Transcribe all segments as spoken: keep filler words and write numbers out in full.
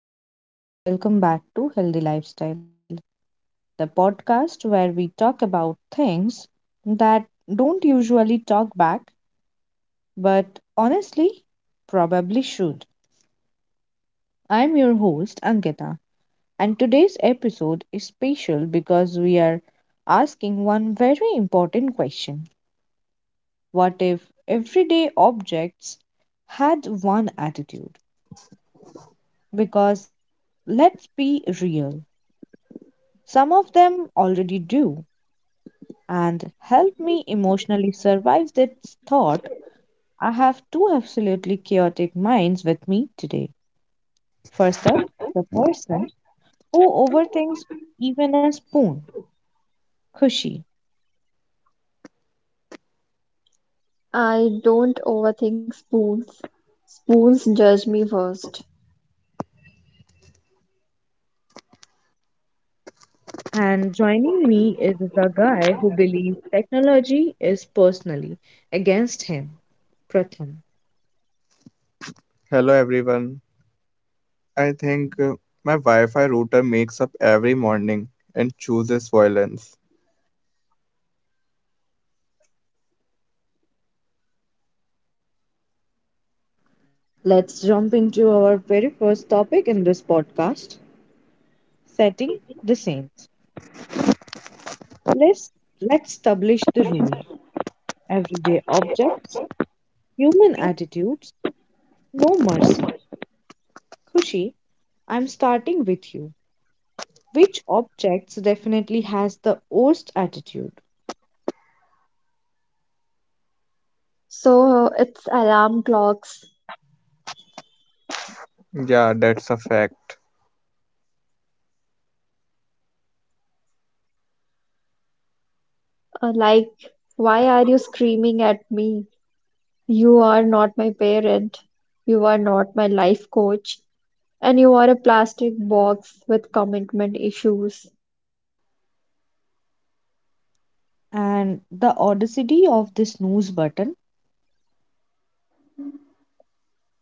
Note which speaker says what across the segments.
Speaker 1: hello, people, and welcome back to Healthy Lifestyle, the podcast where we talk about things that don't usually talk back, but honestly, probably should. I'm your host, Ankita, and today's episode is special because we are asking one very important question. What if everyday objects had one attitude? Because let's be real, some of them already do and helped me emotionally survive this thought, I have two absolutely chaotic minds with me today. First up, the person who overthinks even a spoon, Kushi.
Speaker 2: I don't overthink spoons. Spoons judge me first.
Speaker 1: And joining me is the guy who believes technology is personally against him, Pratham.
Speaker 3: Hello everyone. I think uh, my Wi-Fi router makes up every morning and chooses violence.
Speaker 1: Let's jump into our very first topic in this podcast setting the scenes. Let's, let's establish the rule: everyday objects, human attitudes, no mercy. Kushi, I'm starting with you. Which objects definitely has the worst attitude?
Speaker 2: So uh, it's alarm clocks.
Speaker 3: Yeah, that's a fact.
Speaker 2: Uh, like, why are you screaming at me? You are not my parent. You are not my life coach. And you are a plastic box with commitment issues.
Speaker 1: And the audacity of this snooze button.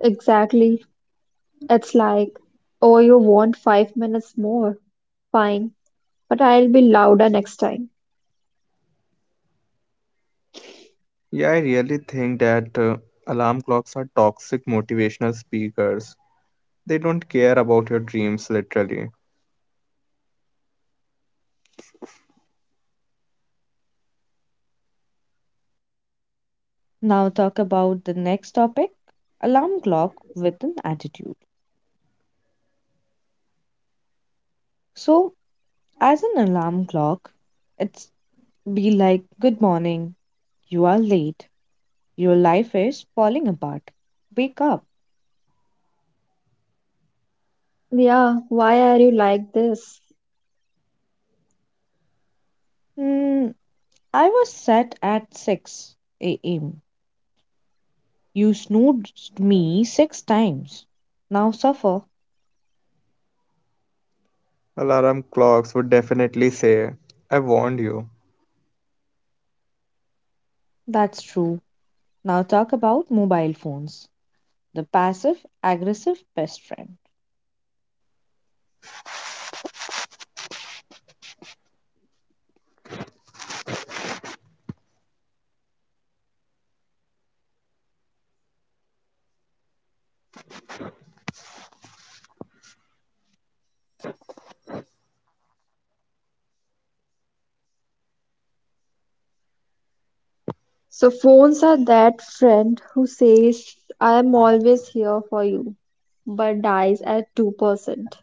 Speaker 2: Exactly. It's like, oh, you want five minutes more? Fine. But I'll be louder next time.
Speaker 3: Yeah, I really think that uh, alarm clocks are toxic motivational speakers. They don't care about your dreams literally.
Speaker 1: Now talk about the next topic, alarm clock with an attitude. So, as an alarm clock, it's be like, good morning, you are late, your life is falling apart. Wake up.
Speaker 2: Yeah, why are you like this?
Speaker 1: Hmm, I was set at six a m. You snoozed me six times. Now suffer.
Speaker 3: Alarm clocks would definitely say, "I warned you."
Speaker 1: That's true. Now talk about mobile phones, the passive aggressive best friend.
Speaker 2: So phones are that friend who says, "I'm always here for you," but dies at two percent.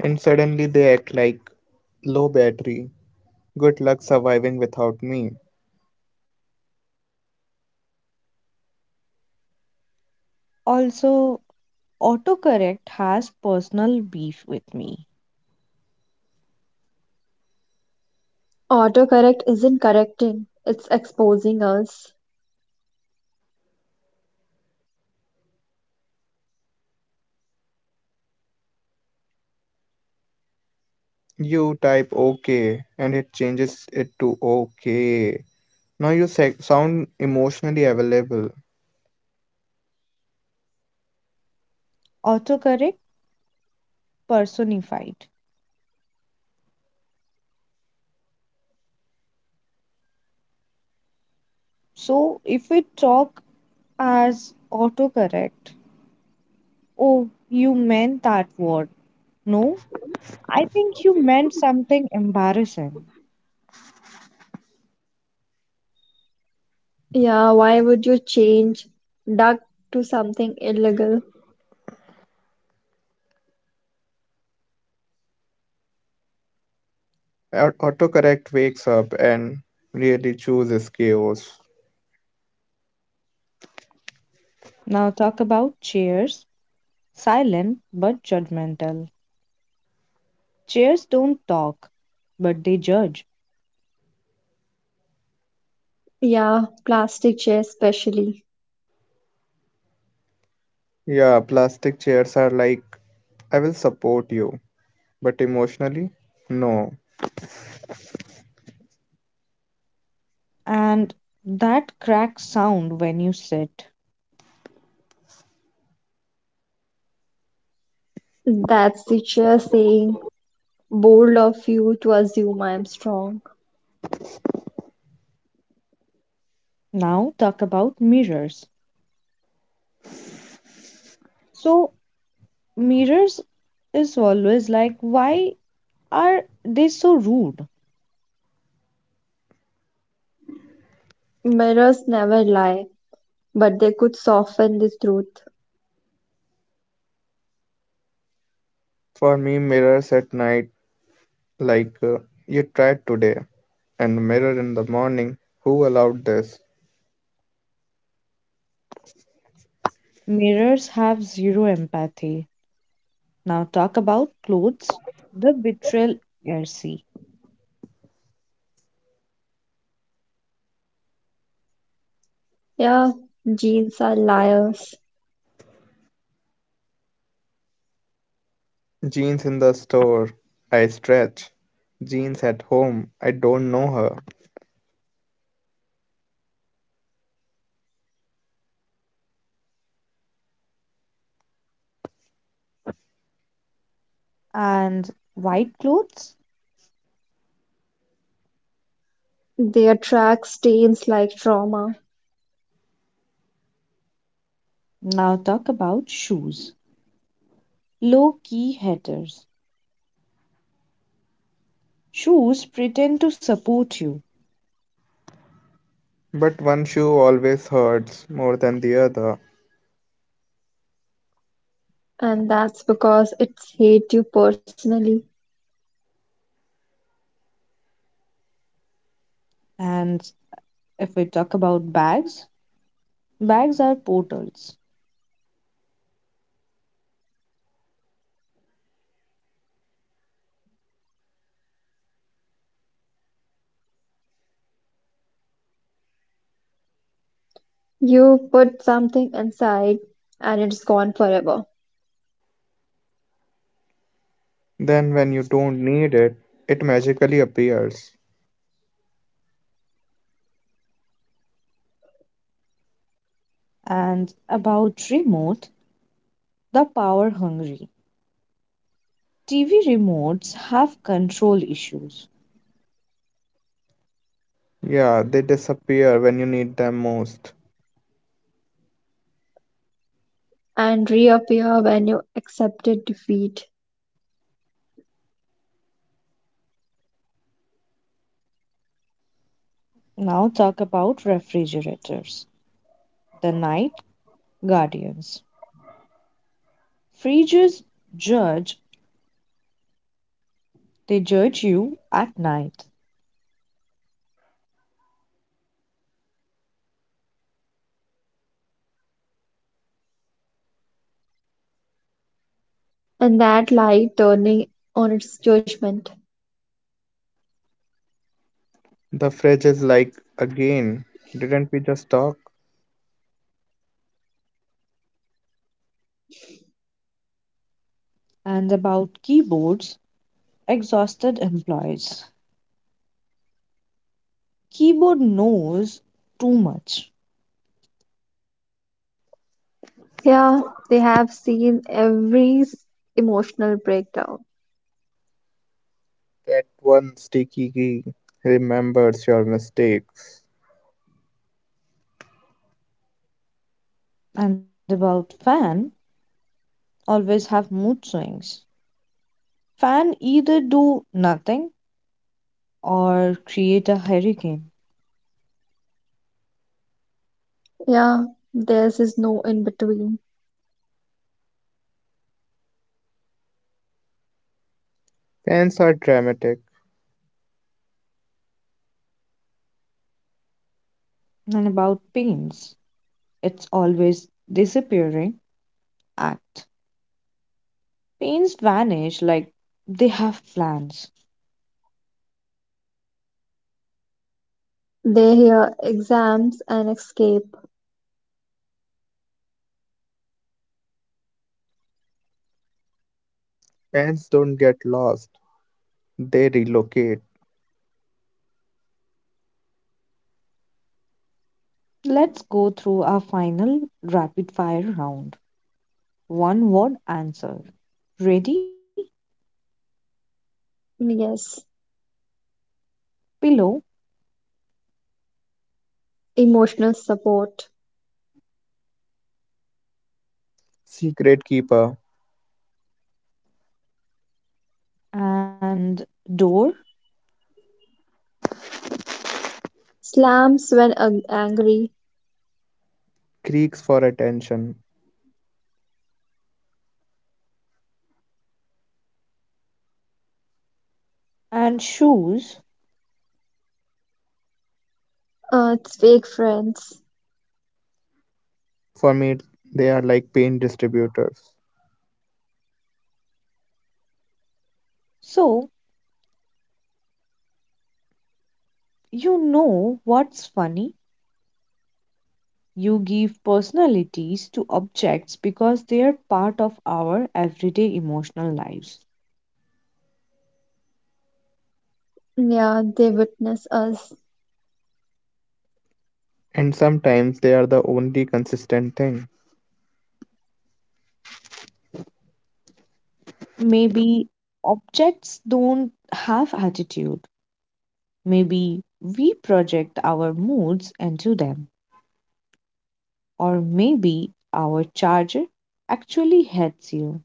Speaker 3: And suddenly they act like low battery. Good luck surviving without me.
Speaker 1: Also, autocorrect has personal beef with me.
Speaker 2: Autocorrect isn't correcting, it's exposing us.
Speaker 3: You type OK and it changes it to OK. Now you sa- sound emotionally available.
Speaker 1: Autocorrect personified. So, if we talk as autocorrect, oh, you meant that word. No, I think you meant something embarrassing.
Speaker 2: Yeah, why would you change duck to something illegal?
Speaker 3: Au- Autocorrect wakes up and really chooses chaos.
Speaker 1: Now talk about chairs, silent but judgmental. Chairs don't talk, but they judge.
Speaker 2: Yeah, plastic chair especially.
Speaker 3: Yeah, plastic chairs are like, I will support you, but emotionally, no.
Speaker 1: And that crack sound when you sit.
Speaker 2: That's the chair saying, bold of you to assume I'm strong.
Speaker 1: Now, talk about mirrors. So, mirrors is always like, why are they so rude?
Speaker 2: Mirrors never lie, but they could soften the truth.
Speaker 3: For me, mirrors at night, like, uh, you tried today, and mirror in the morning, who allowed this?
Speaker 1: Mirrors have zero empathy. Now, talk about clothes, the betrayal Ersi.
Speaker 2: Yeah, genes are liars.
Speaker 3: Jeans in the store, I stretch. Jeans at home, I don't know her.
Speaker 1: And white clothes?
Speaker 2: They attract stains like trauma.
Speaker 1: Now, talk about shoes, low key headers. Shoes pretend to support you,
Speaker 3: But one shoe always hurts more than the other.
Speaker 2: And that's because it's hit you personally.
Speaker 1: and if we talk about bags, bags are portals.
Speaker 2: You put something inside, and it's gone forever,
Speaker 3: Then, when you don't need it, it magically appears.
Speaker 1: And about remote, the power hungry. T V remotes have control issues.
Speaker 3: Yeah, they disappear when you need them most.
Speaker 2: and reappear when you accepted defeat.
Speaker 1: Now talk about refrigerators, the night guardians. Fridges judge, they judge you at night.
Speaker 2: And that light turning on its judgment.
Speaker 3: The fridge is like, again, didn't we just talk?
Speaker 1: And about keyboards, exhausted employees. Keyboard knows too much.
Speaker 2: Yeah, they have seen every s- emotional breakdown.
Speaker 3: That one sticky key remembers your mistakes.
Speaker 1: And about fan, always have mood swings. Fan either do nothing or create a hurricane.
Speaker 2: Yeah, theirs is no in between.
Speaker 3: Fans are dramatic.
Speaker 1: And about paints, it's always disappearing act. Paints vanish like they have plans.
Speaker 2: They hear exams and escape.
Speaker 3: Fans don't get lost, they relocate.
Speaker 1: Let's go through our final rapid fire round. One word answer. Ready?
Speaker 2: Yes,
Speaker 1: Pillow,
Speaker 2: emotional support.
Speaker 3: Secret keeper
Speaker 1: and door,
Speaker 2: Slams when ag- angry.
Speaker 3: creaks for attention.
Speaker 1: and shoes.
Speaker 2: Earth's fake friends.
Speaker 3: For me, they are like pain distributors.
Speaker 1: So you know what's funny. You give personalities to objects because they are part of our everyday emotional lives.
Speaker 2: Yeah, they witness us.
Speaker 3: And sometimes they are the only consistent thing.
Speaker 1: Maybe objects don't have attitude. Maybe we project our moods into them. Or maybe our charger actually hates you.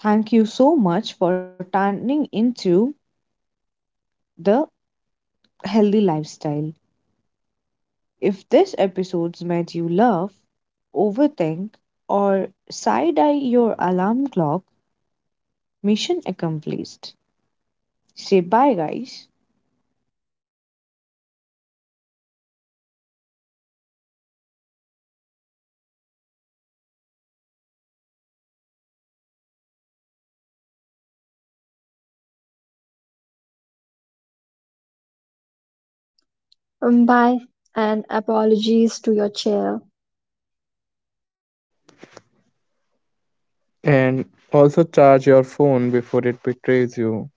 Speaker 1: Thank you so much for turning into the Healthy Lifestyle. If this episode's made you laugh, overthink, or side eye your alarm clock, mission accomplished. Say bye, guys.
Speaker 2: Um, bye, and apologies to your chair.
Speaker 3: And also charge your phone before it betrays you.